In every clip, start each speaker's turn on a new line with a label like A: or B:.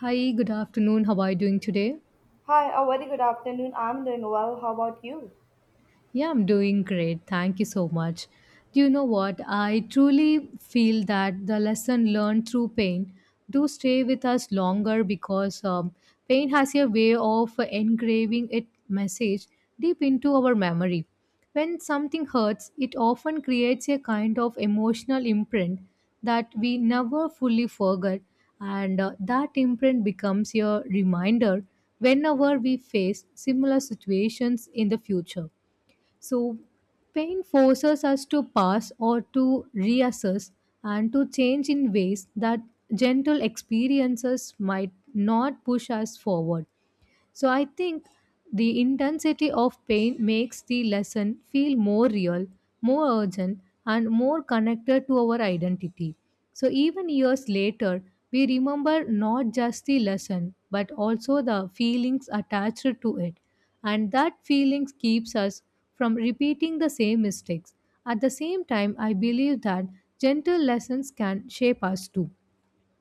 A: Hi, good afternoon. How are you doing today?
B: Hi, a very good afternoon. I'm doing well. How about you?
A: Yeah, I'm doing great. Thank you so much. Do you know what? I truly feel that the lesson learned through pain do stay with us longer because pain has a way of engraving its message deep into our memory. When something hurts, it often creates a kind of emotional imprint that we never fully forget, and that imprint becomes a reminder whenever we face similar situations in the future. So, pain forces us to pause or to reassess and to change in ways that gentle experiences might not push us forward. So I think the intensity of pain makes the lesson feel more real, more urgent, and more connected to our identity. So even years later, we remember not just the lesson but also the feelings attached to it. And that feelings keeps us from repeating the same mistakes. At the same time, I believe that gentle lessons can shape us too,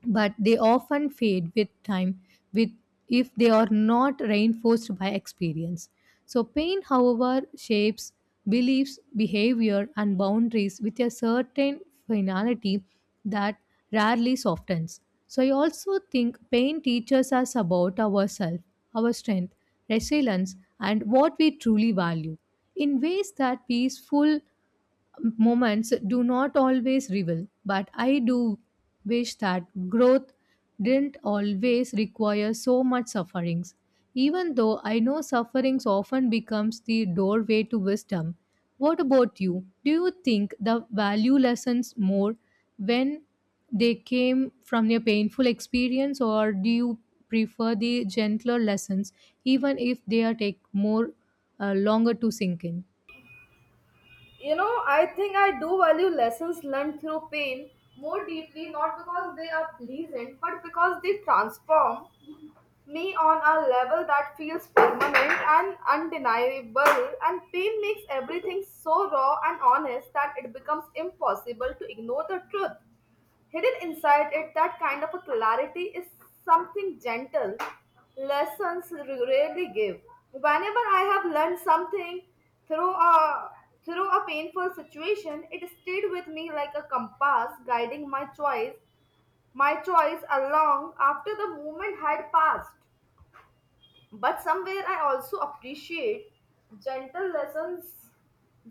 A: but they often fade with time, with, if they are not reinforced by experience. So pain, however, shapes beliefs, behavior and boundaries with a certain finality that rarely softens. So I also think pain teaches us about ourselves, our strength, resilience and what we truly value in ways that peaceful moments do not always reveal, but I do wish that growth didn't always require so much sufferings. Even though I know sufferings often becomes the doorway to wisdom. What about you? Do you think the value lessons more when they came from your painful experience, or do you prefer the gentler lessons even if they are take more longer to sink in?
B: You know, I think I do value lessons learned through pain more deeply, not because they are pleasant, but because they transform me on a level that feels permanent and undeniable. And pain makes everything so raw and honest that it becomes impossible to ignore the truth. Hidden inside it, that kind of a clarity is something gentle, lessons rarely give. Whenever I have learned something through a through a painful situation, it stayed with me like a compass guiding my choice along after the moment had passed, but somewhere I also appreciate gentle lessons.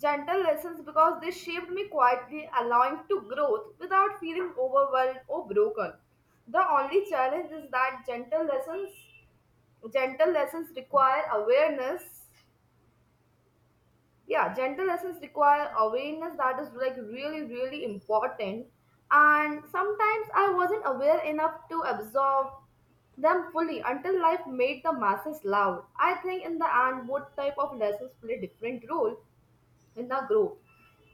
B: Because they shaped me quietly, allowing to growth without feeling overwhelmed or broken. The only challenge is that gentle lessons require awareness. Yeah, gentle lessons require awareness, that is like really, really important. And sometimes I wasn't aware enough to absorb them fully until life made the masses loud. I think in the end, both type of lessons play different role in the growth.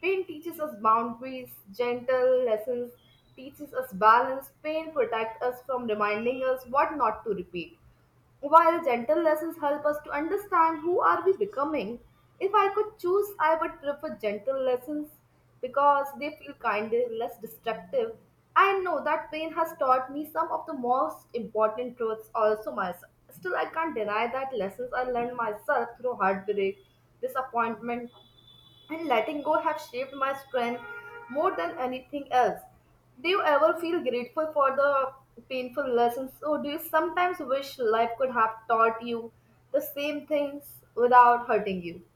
B: Pain teaches us boundaries, gentle lessons teaches us balance. Pain protects us from reminding us what not to repeat, while gentle lessons help us to understand who are we becoming. If I could choose, I would prefer gentle lessons because they feel kinder, less destructive. I know that pain has taught me some of the most important truths also myself. Still, I can't deny that lessons I learned myself through heartbreak, disappointment, and letting go have shaped my strength more than anything else. Do you ever feel grateful for the painful lessons, or do you sometimes wish life could have taught you the same things without hurting you?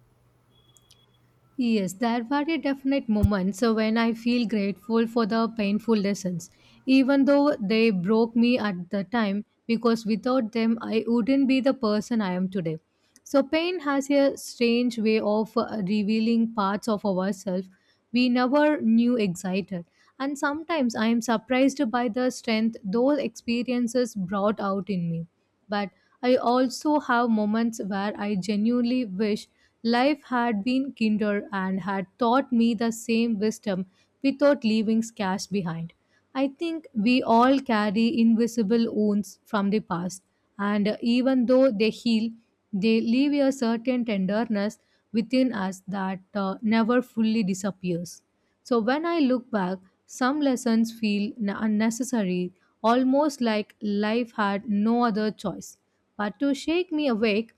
A: Yes, there were a definite moments when I feel grateful for the painful lessons, even though they broke me at the time, because without them, I wouldn't be the person I am today. So, pain has a strange way of revealing parts of ourselves we never knew excited. And sometimes I am surprised by the strength those experiences brought out in me. But I also have moments where I genuinely wish life had been kinder and had taught me the same wisdom without leaving scars behind. I think we all carry invisible wounds from the past, and even though they heal, they leave a certain tenderness within us that never fully disappears. So when I look back, some lessons feel unnecessary, almost like life had no other choice but to shake me awake,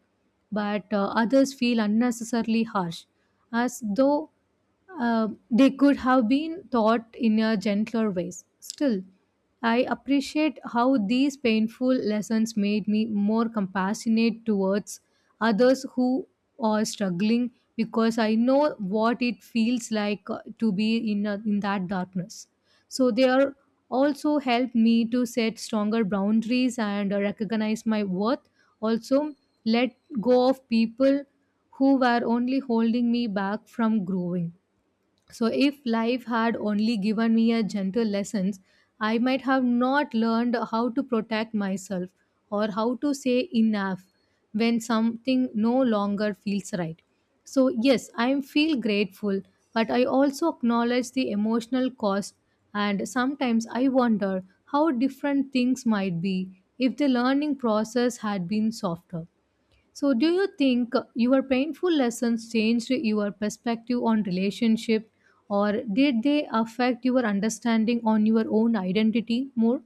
A: but others feel unnecessarily harsh, as though they could have been taught in a gentler ways. Still, I appreciate how these painful lessons made me more compassionate towards others who are struggling because I know what it feels like to be in, a, in that darkness. So they are also helped me to set stronger boundaries and recognize my worth. Also, let go of people who were only holding me back from growing. So, if life had only given me a gentle lessons, I might have not learned how to protect myself or how to say enough when something no longer feels right. So, yes, I feel grateful, but I also acknowledge the emotional cost, and sometimes I wonder how different things might be if the learning process had been softer. So, do you think your painful lessons changed your perspective on relationship, or did they affect your understanding on your own identity more?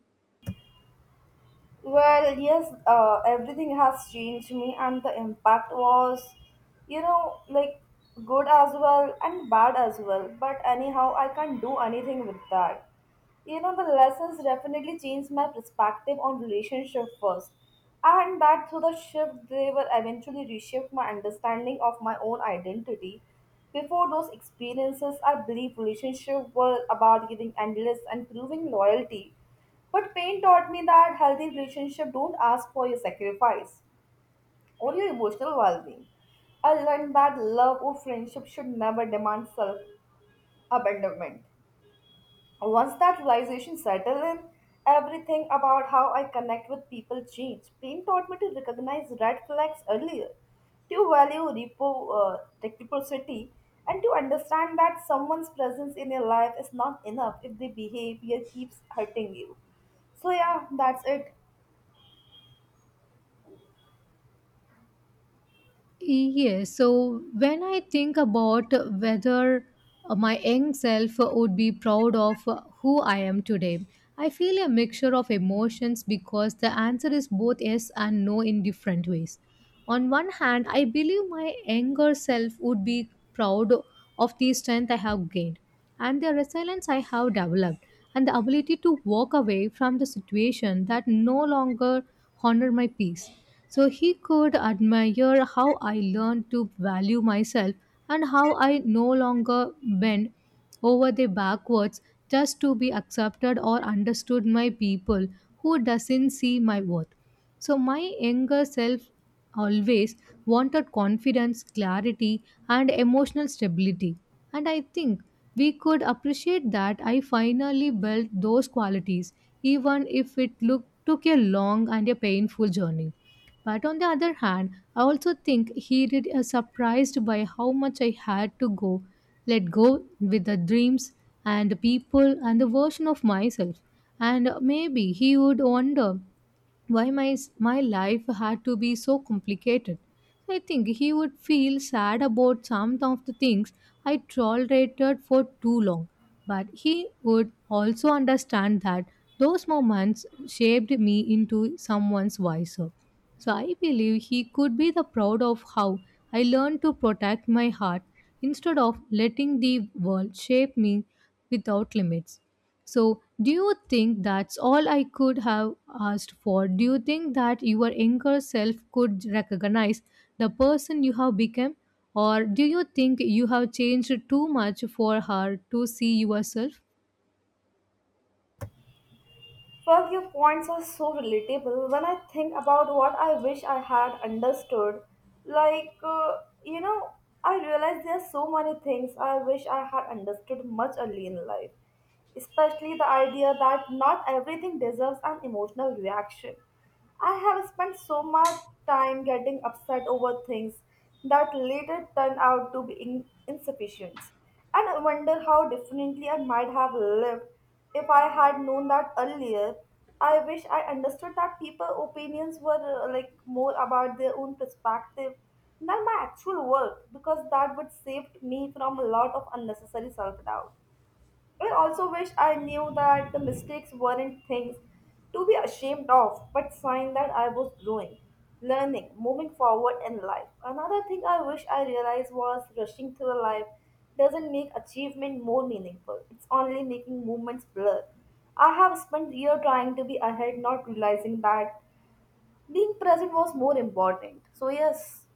B: Well, yes, everything has changed me, and the impact was, you know, like good as well and bad as well. But anyhow, I can't do anything with that. You know, the lessons definitely changed my perspective on relationship first, and that through the shift, they will eventually reshape my understanding of my own identity. Before those experiences, I believe relationships were about giving endless and proving loyalty, but pain taught me that healthy relationships don't ask for your sacrifice or your emotional well being. I learned that love or friendship should never demand self abandonment. Once that realization settled in, everything about how I connect with people changed. Pain taught me to recognize red flags earlier, to value reciprocity, and to understand that someone's presence in your life is not enough if their behavior keeps hurting you. So yeah, that's it.
A: Yes, so when I think about whether my young self would be proud of who I am today, I feel a mixture of emotions because the answer is both yes and no in different ways. On one hand, I believe my younger self would be proud of the strength I have gained and the resilience I have developed and the ability to walk away from the situation that no longer honor my peace. So he could admire how I learned to value myself and how I no longer bend over the backwards just to be accepted or understood by people who doesn't see my worth. So my younger self always wanted confidence, clarity, and emotional stability. And I think we could appreciate that I finally built those qualities, even if it look, took a long and a painful journey. But on the other hand, I also think he did surprised by how much I had to go, let go with the dreams and the people and the version of myself. And maybe he would wonder why my life had to be so complicated. I think he would feel sad about some of the things I tolerated for too long, but he would also understand that those moments shaped me into someone's wiser. So I believe he could be the proud of how I learned to protect my heart instead of letting the world shape me without limits. So, do you think that's all I could have asked for? Do you think that your younger self could recognize the person you have become? Or do you think you have changed too much for her to see yourself?
B: Well, your points are so relatable. When I think about what I wish I had understood, like, uh, you know, I realize there are so many things I wish I had understood much early in life, especially the idea that not everything deserves an emotional reaction. I have spent so much time getting upset over things that later turn out to be insufficient. And I wonder how differently I might have lived if I had known that earlier. I wish I understood that people's opinions were like more about their own perspective than my actual worth, because that would save me from a lot of unnecessary self doubt. I also wish I knew that the mistakes weren't things to be ashamed of, but sign that I was growing, learning, moving forward in life. Another thing I wish I realized was rushing through life doesn't make achievement more meaningful. It's only making movements blur. I have spent year trying to be ahead, not realizing that being present was more important. So yes.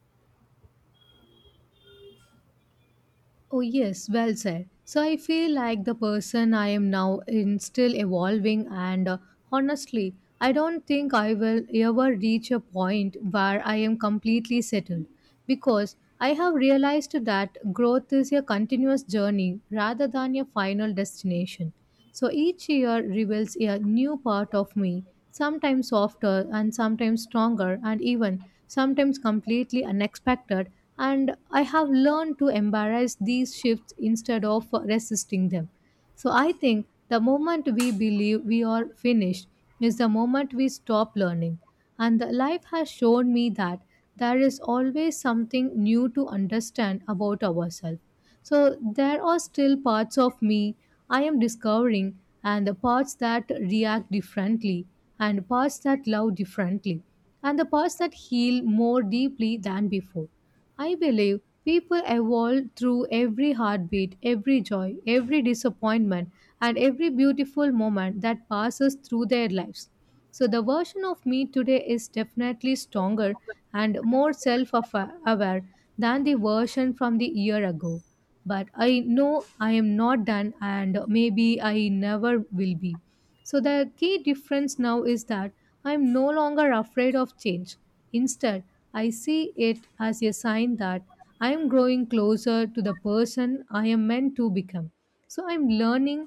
A: Oh, yes, well said. So I feel like the person I am now in still evolving, and honestly, I don't think I will ever reach a point where I am completely settled because I have realized that growth is a continuous journey rather than a final destination. So each year reveals a new part of me, sometimes softer and sometimes stronger, and even sometimes completely unexpected. And I have learned to embrace these shifts instead of resisting them. So I think the moment we believe we are finished is the moment we stop learning. And the life has shown me that there is always something new to understand about ourselves. So there are still parts of me I am discovering, and the parts that react differently, and parts that love differently, and the parts that heal more deeply than before. I believe people evolve through every heartbeat, every joy, every disappointment, and every beautiful moment that passes through their lives. So the version of me today is definitely stronger and more self aware than the version from the year ago. But I know I am not done and maybe I never will be. So the key difference now is that I am no longer afraid of change. Instead, I see it as a sign that I am growing closer to the person I am meant to become. So I'm learning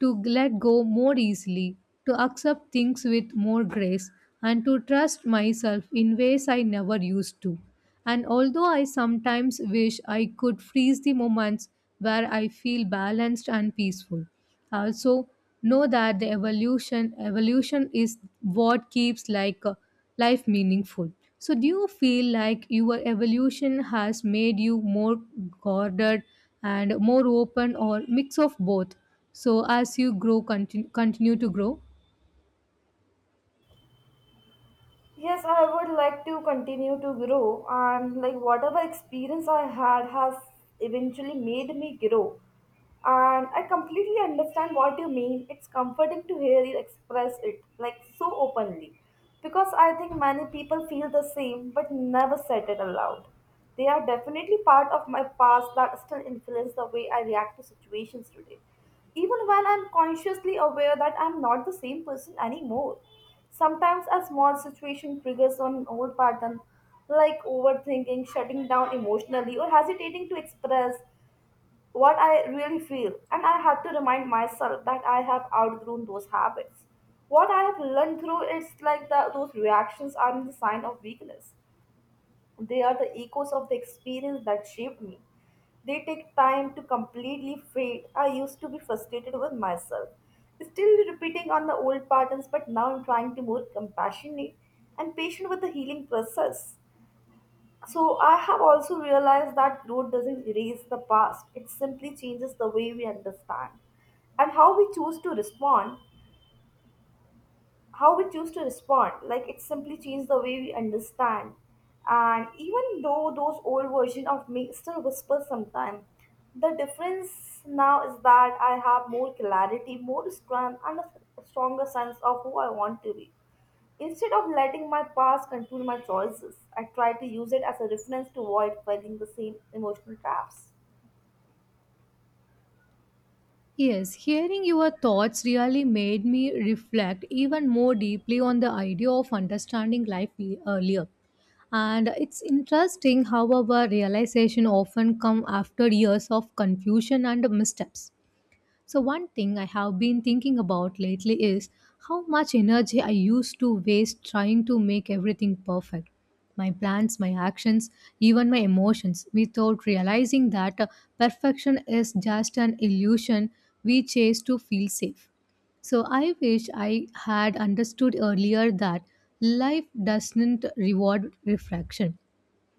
A: to let go more easily, to accept things with more grace, and to trust myself in ways I never used to. And although I sometimes wish I could freeze the moments where I feel balanced and peaceful, I also know that the evolution is what keeps like life meaningful. So do you feel like your evolution has made you more guarded and more open or mix of both so as you grow continue to grow?
B: Yes, I would like to continue to grow, and like whatever experience I had has eventually made me grow. And I completely understand what you mean. It's comforting to hear you express it like so openly because I think many people feel the same but never said it aloud. They are definitely part of my past that still influence the way I react to situations today, even when I'm consciously aware that I'm not the same person anymore. Sometimes a small situation triggers an old pattern like overthinking, shutting down emotionally, or hesitating to express what I really feel. And I had to remind myself that I have outgrown those habits. What I have learned through it's like that those reactions are the sign of weakness, they are the echoes of the experience that shaped me. They take time to completely fade. I used to be frustrated with myself, still repeating on the old patterns, but now I'm trying to be more compassionate and patient with the healing process. So I have also realized that growth doesn't erase the past. It simply changes the way we understand and how we choose to respond. How we choose to respond like it simply changed the way we understand and Even though those old version of me still whispers sometimes, the difference now is that I have more clarity, more strength, and a stronger sense of who I want to be. Instead of letting my past control my choices, I try to use it as a reference to avoid falling the same emotional traps.
A: Yes, hearing your thoughts really made me reflect even more deeply on the idea of understanding life earlier, and it's interesting how our realization often come after years of confusion and missteps. So, one thing I have been thinking about lately is how much energy I used to waste trying to make everything perfect. My plans, my actions, even my emotions, without realizing that perfection is just an illusion we chase to feel safe. So I wish I had understood earlier that life doesn't reward reflection.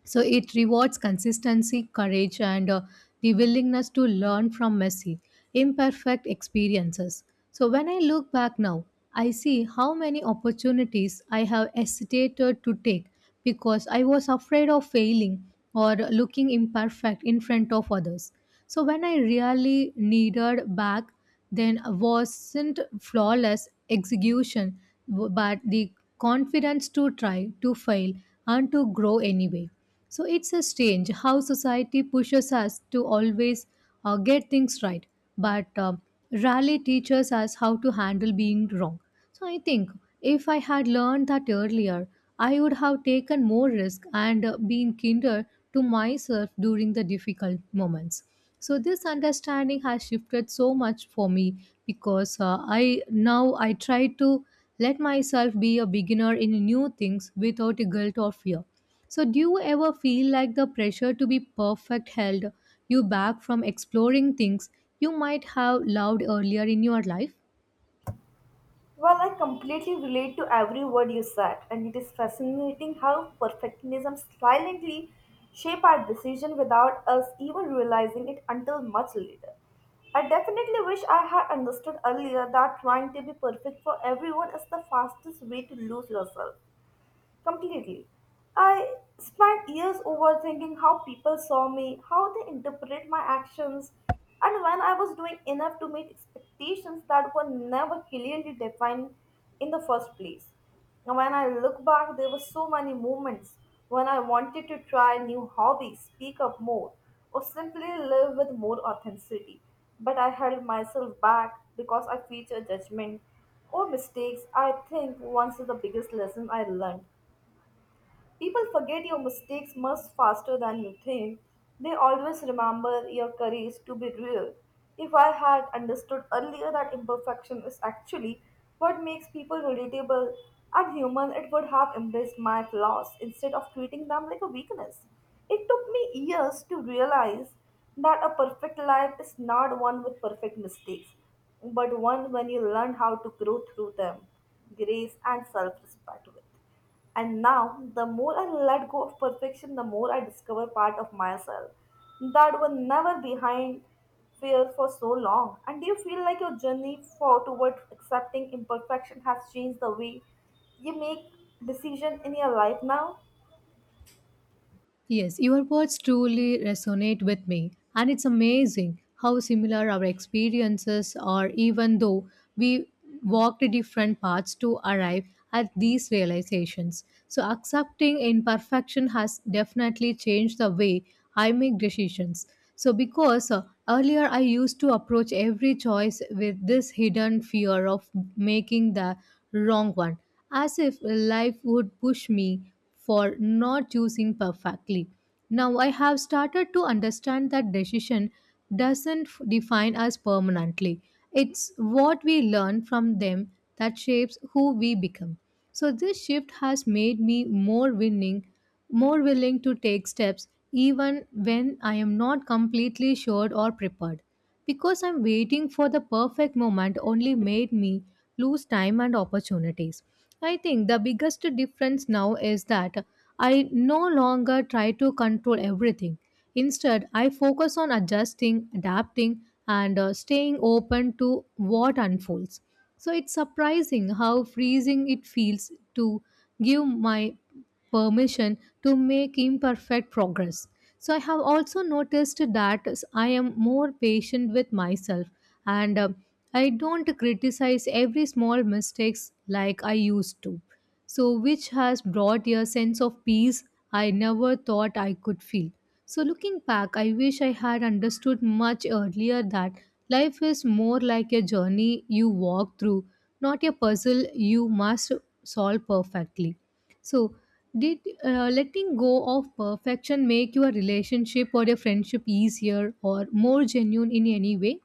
A: So it rewards consistency, courage, and the willingness to learn from messy, imperfect experiences. So when I look back now, I see how many opportunities I have hesitated to take because I was afraid of failing or looking imperfect in front of others. So when I really needed back then wasn't flawless execution, but the confidence to try, to fail, and to grow anyway. So it's a strange how society pushes us to always get things right, but rarely teaches us how to handle being wrong. So I think if I had learned that earlier, I would have taken more risk and been kinder to myself during the difficult moments. So this understanding has shifted so much for me because I now I try to let myself be a beginner in new things without guilt or fear. So do you ever feel like the pressure to be perfect held you back from exploring things you might have loved earlier in your life?
B: Well, I completely relate to every word you said, and it is fascinating how perfectionism silently shape our decision without us even realizing it until much later. I definitely wish I had understood earlier that trying to be perfect for everyone is the fastest way to lose yourself completely. I spent years overthinking how people saw me, how they interpret my actions, and when I was doing enough to meet expectations that were never clearly defined in the first place. Now, when I look back, there were so many moments when I wanted to try new hobbies, speak up more, or simply live with more authenticity. But I held myself back because I feared judgment or mistakes. I think once is the biggest lesson I learned. People forget your mistakes much faster than you think. They always remember your courage to be real. If I had understood earlier that imperfection is actually what makes people relatable and human, it would have embraced my flaws instead of treating them like a weakness. It took me years to realize that a perfect life is not one with perfect mistakes, but one when you learn how to grow through them, grace and self respect with. And now, the more I let go of perfection, the more I discover part of myself that were never behind fear for so long. And do you feel like your journey for towards accepting imperfection has changed the way you make decision in your life now?
A: Yes, your words truly resonate with me, and it's amazing how similar our experiences are, even though we walked different paths to arrive at these realizations. So, accepting imperfection has definitely changed the way I make decisions. So, because earlier I used to approach every choice with this hidden fear of making the wrong one, as if life would push me for not choosing perfectly. Now I have started to understand that decision doesn't f- define us permanently. It's what we learn from them that shapes who we become. So this shift has made me more willing to take steps even when I am not completely sure or prepared because I'm waiting for the perfect moment only made me lose time and opportunities. I think the biggest difference now is that I no longer try to control everything. Instead, I focus on adjusting, adapting, and staying open to what unfolds. So it's surprising how freezing it feels to give my permission to make imperfect progress. So I have also noticed that I am more patient with myself and I don't criticize every small mistakes like I used to. So which has brought a sense of peace I never thought I could feel. So looking back, I wish I had understood much earlier that life is more like a journey you walk through, not a puzzle you must solve perfectly. So, did letting go of perfection make your relationship or your friendship easier or more genuine in any way?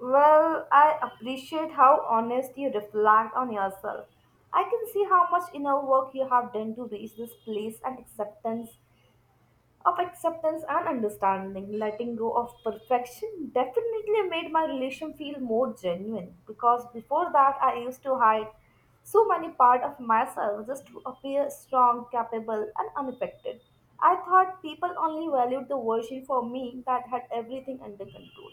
B: Well, I appreciate how honest you reflect on yourself. I can see how much inner work you have done to reach this place and acceptance of acceptance and understanding. Letting go of perfection definitely made my relation feel more genuine, because before that I used to hide so many parts of myself just to appear strong, capable, and unaffected. I thought people only valued the version for me that had everything under control.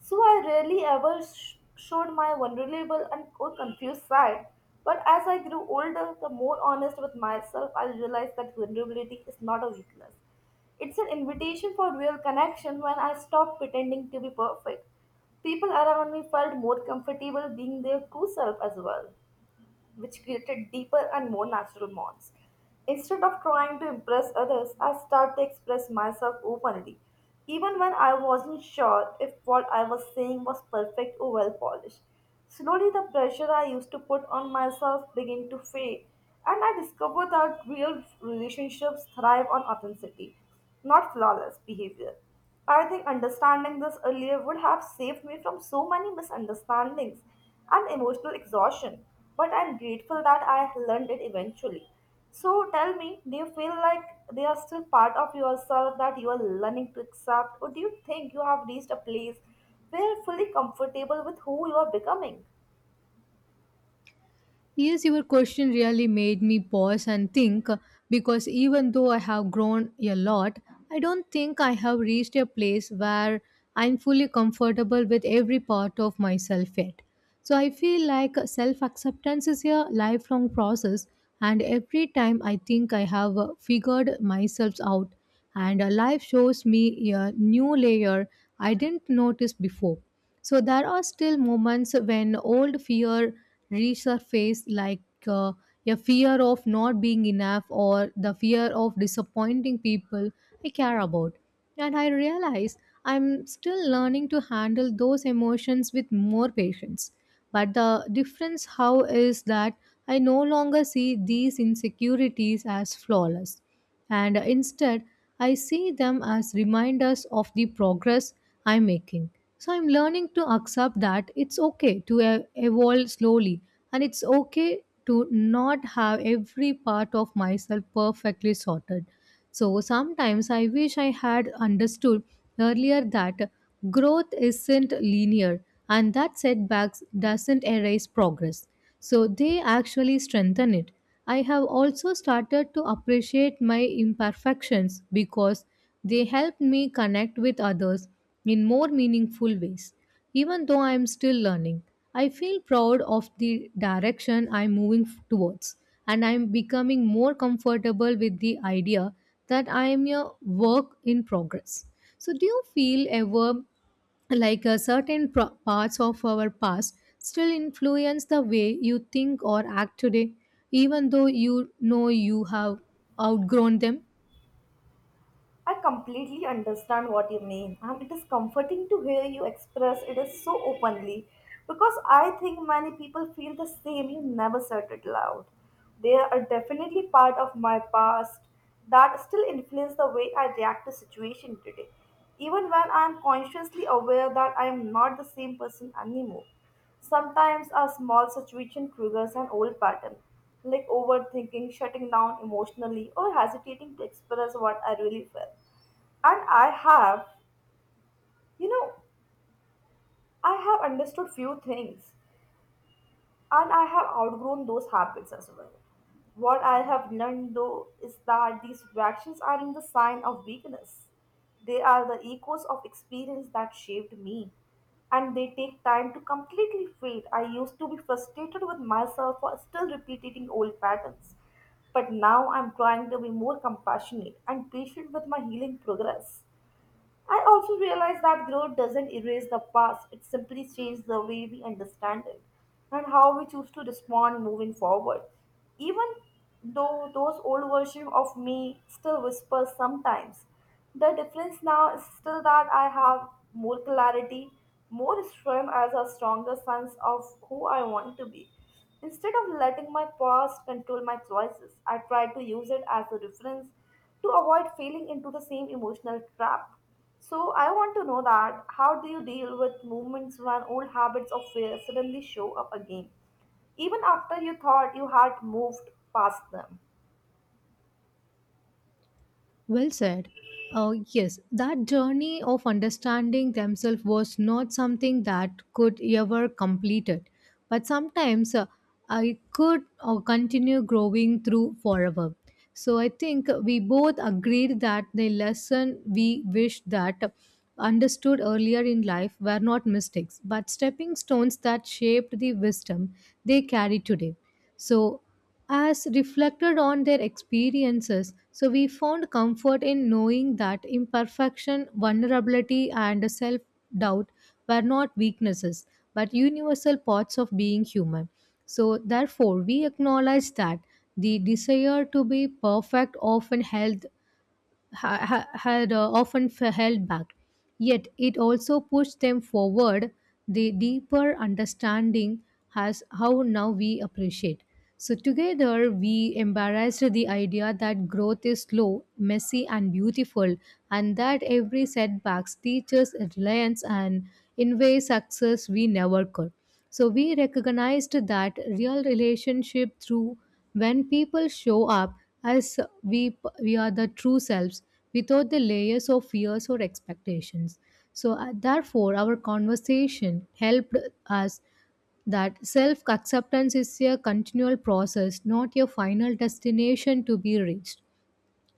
B: So I rarely ever showed my vulnerable and or confused side. But as I grew older, the more honest with myself, I realized that vulnerability is not a weakness. It's an invitation for real connection when I stopped pretending to be perfect. People around me felt more comfortable being their true self as well, which created deeper and more natural bonds. Instead of trying to impress others, I started to express myself openly, even when I wasn't sure if what I was saying was perfect or well polished. Slowly, the pressure I used to put on myself began to fade, and I discovered that real relationships thrive on authenticity, not flawless behavior. I think understanding this earlier would have saved me from so many misunderstandings and emotional exhaustion, but I'm grateful that I learned it eventually. So tell me, do you feel like they are still part of yourself that you are learning to accept, or do you think you have reached a place where you're fully comfortable with who you are becoming?
A: Yes, your question really made me pause and think because even though I have grown a lot, I don't think I have reached a place where I'm fully comfortable with every part of myself yet. So I feel like self acceptance is a lifelong process, and every time I think I have figured myself out, and life shows me a new layer I didn't notice before. So there are still moments when old fear resurface, like uh, a fear of not being enough or the fear of disappointing people I care about. And I realize I'm still learning to handle those emotions with more patience. But the difference how is that I no longer see these insecurities as flawless and instead I see them as reminders of the progress I'm making. So I'm learning to accept that it's okay to evolve slowly and it's okay to not have every part of myself perfectly sorted. So sometimes I wish I had understood earlier that growth isn't linear and that setbacks doesn't erase progress. So they actually strengthen it. I have also started to appreciate my imperfections because they help me connect with others in more meaningful ways. Even though I am still learning, I feel proud of the direction I'm moving towards and I'm becoming more comfortable with the idea that I am a work in progress. So, do you feel ever like a certain parts of our past still influence the way you think or act today, even though you know you have outgrown them?
B: I completely understand what you mean, and it is comforting to hear you express it is so openly because I think many people feel the same. You never said it loud. They are definitely part of my past that still influence the way I react to situation today, even when I am consciously aware that I am not the same person anymore. Sometimes a small situation triggers an old pattern like overthinking, shutting down emotionally, or hesitating to express what I really feel. And I have, you know, I have understood few things, and I have outgrown those habits as well. What I have learned though is that these reactions aren't the sign of weakness. They are the echoes of experience that shaped me, and they take time to completely fade. I used to be frustrated with myself for still repeating old patterns, but now I'm trying to be more compassionate and patient with my healing progress. I also realize that growth doesn't erase the past, it simply changes the way we understand it and how we choose to respond moving forward. Even though those old versions of me still whisper sometimes, the difference now is still that I have more clarity, more strength as a stronger sense of who I want to be. Instead of letting my past control my choices, I try to use it as a reference to avoid falling into the same emotional trap. So I want to know that how do you deal with moments when old habits of fear suddenly show up again, even after you thought you had moved past them?
A: Well said. Yes, that journey of understanding themselves was not something that could ever complete it. But sometimes I could continue growing through forever. So I think we both agreed that the lesson we wish that understood earlier in life were not mistakes, but stepping stones that shaped the wisdom they carry today. So, as reflected on their experiences, so we found comfort in knowing that imperfection, vulnerability, and self doubt were not weaknesses but universal parts of being human. So, therefore, we acknowledge that the desire to be perfect often held had often held back. Yet it also pushed them forward the deeper understanding has how now we appreciate. So together we embraced the idea that growth is slow, messy and beautiful and that every setbacks teaches reliance and in ways success we never could. So we recognized that real relationship through when people show up as we are the true selves without the layers of fears or expectations. So therefore, our conversation helped us that self acceptance is a continual process, not a final destination to be reached.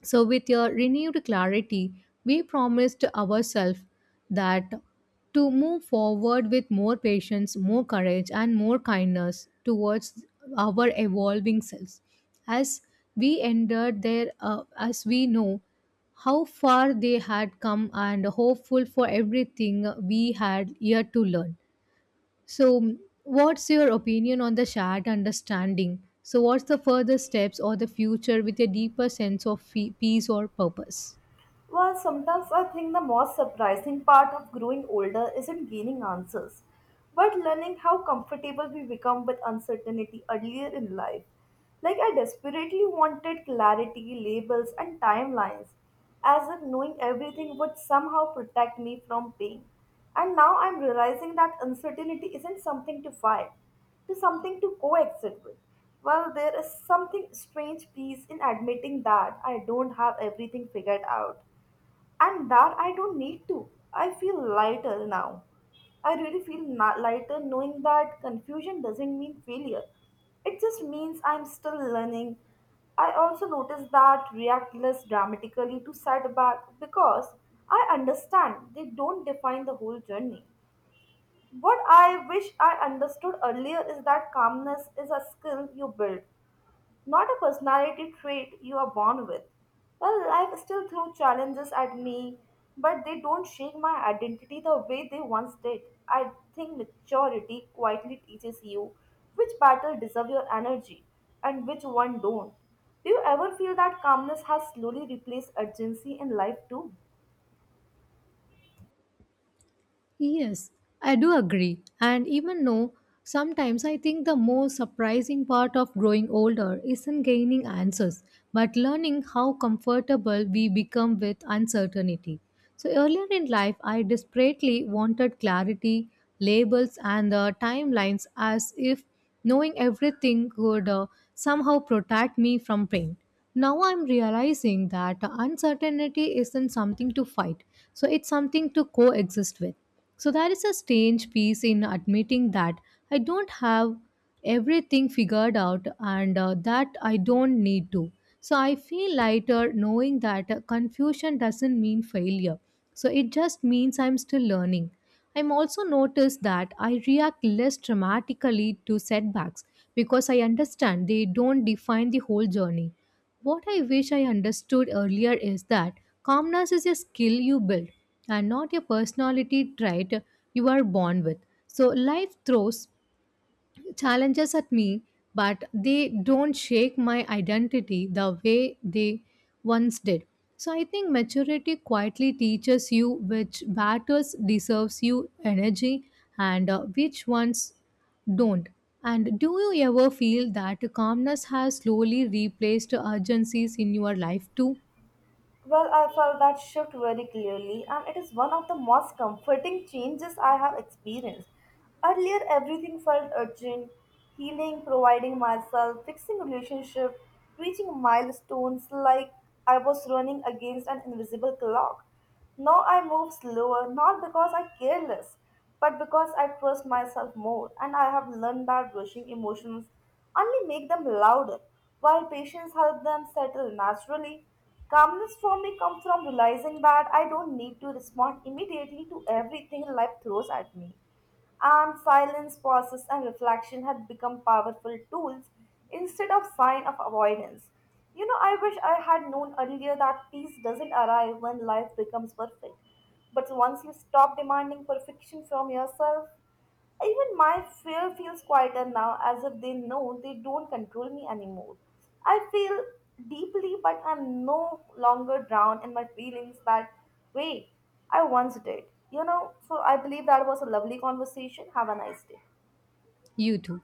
A: So, with your renewed clarity, we promised ourselves that to move forward with more patience, more courage, and more kindness towards our evolving selves. As we entered there, as we know how far they had come and hopeful for everything we had yet to learn. So, what's your opinion on the shared understanding? So, what's the further steps or the future with a deeper sense of peace or purpose?
B: Well, sometimes I think the most surprising part of growing older isn't gaining answers, but learning how comfortable we become with uncertainty earlier in life. Like, I desperately wanted clarity, labels, and timelines, as if knowing everything would somehow protect me from pain. And now I'm realizing that uncertainty isn't something to fight, to something to coexist with. Well, there is something strange peace in admitting that I don't have everything figured out and that I don't need to. I feel lighter now. I really feel lighter knowing that confusion doesn't mean failure. It just means I'm still learning. I also notice that react less dramatically to setback because I understand they don't define the whole journey. What I wish I understood earlier is that calmness is a skill you build, not a personality trait you are born with. Well, life still throws challenges at me, but they don't shake my identity the way they once did. I think maturity quietly teaches you which battle deserve your energy and which one don't. Do you ever feel that calmness has slowly replaced urgency in life too?
A: Yes, I do agree. And even though sometimes I think the most surprising part of growing older isn't gaining answers, but learning how comfortable we become with uncertainty. So earlier in life, I desperately wanted clarity, labels, and the timelines as if knowing everything could somehow protect me from pain. Now I'm realizing that uncertainty isn't something to fight, so it's something to coexist with. So there is a strange peace in admitting that I don't have everything figured out and that I don't need to. So I feel lighter knowing that confusion doesn't mean failure. So it just means I'm still learning. I'm also noticed that I react less dramatically to setbacks because I understand they don't define the whole journey. What I wish I understood earlier is that calmness is a skill you build and not a personality trait you are born with. So life throws challenges at me, but they don't shake my identity the way they once did. So I think maturity quietly teaches you which battles deserves you energy and which ones don't. And do you ever feel that calmness has slowly replaced urgencies in your life too?
B: Well, I felt that shift very clearly, and it is one of the most comforting changes I have experienced. Earlier, everything felt urgent, healing, providing myself, fixing relationship, reaching milestones like I was running against an invisible clock. Now I move slower, not because I care less, but because I trust myself more, and I have learned that rushing emotions only make them louder, while patience helps them settle naturally. Calmness for me comes from realizing that I don't need to respond immediately to everything life throws at me, and silence, pauses, and reflection had become powerful tools instead of sign of avoidance. You know, I wish I had known earlier that peace doesn't arrive when life becomes perfect, but once you stop demanding perfection from yourself, even my fear feels quieter now, as if they know they don't control me anymore. I feel deeply, but I'm no longer drowned in my feelings that way I once did. You know, so I believe that was a lovely conversation. Have a nice day.
A: You too.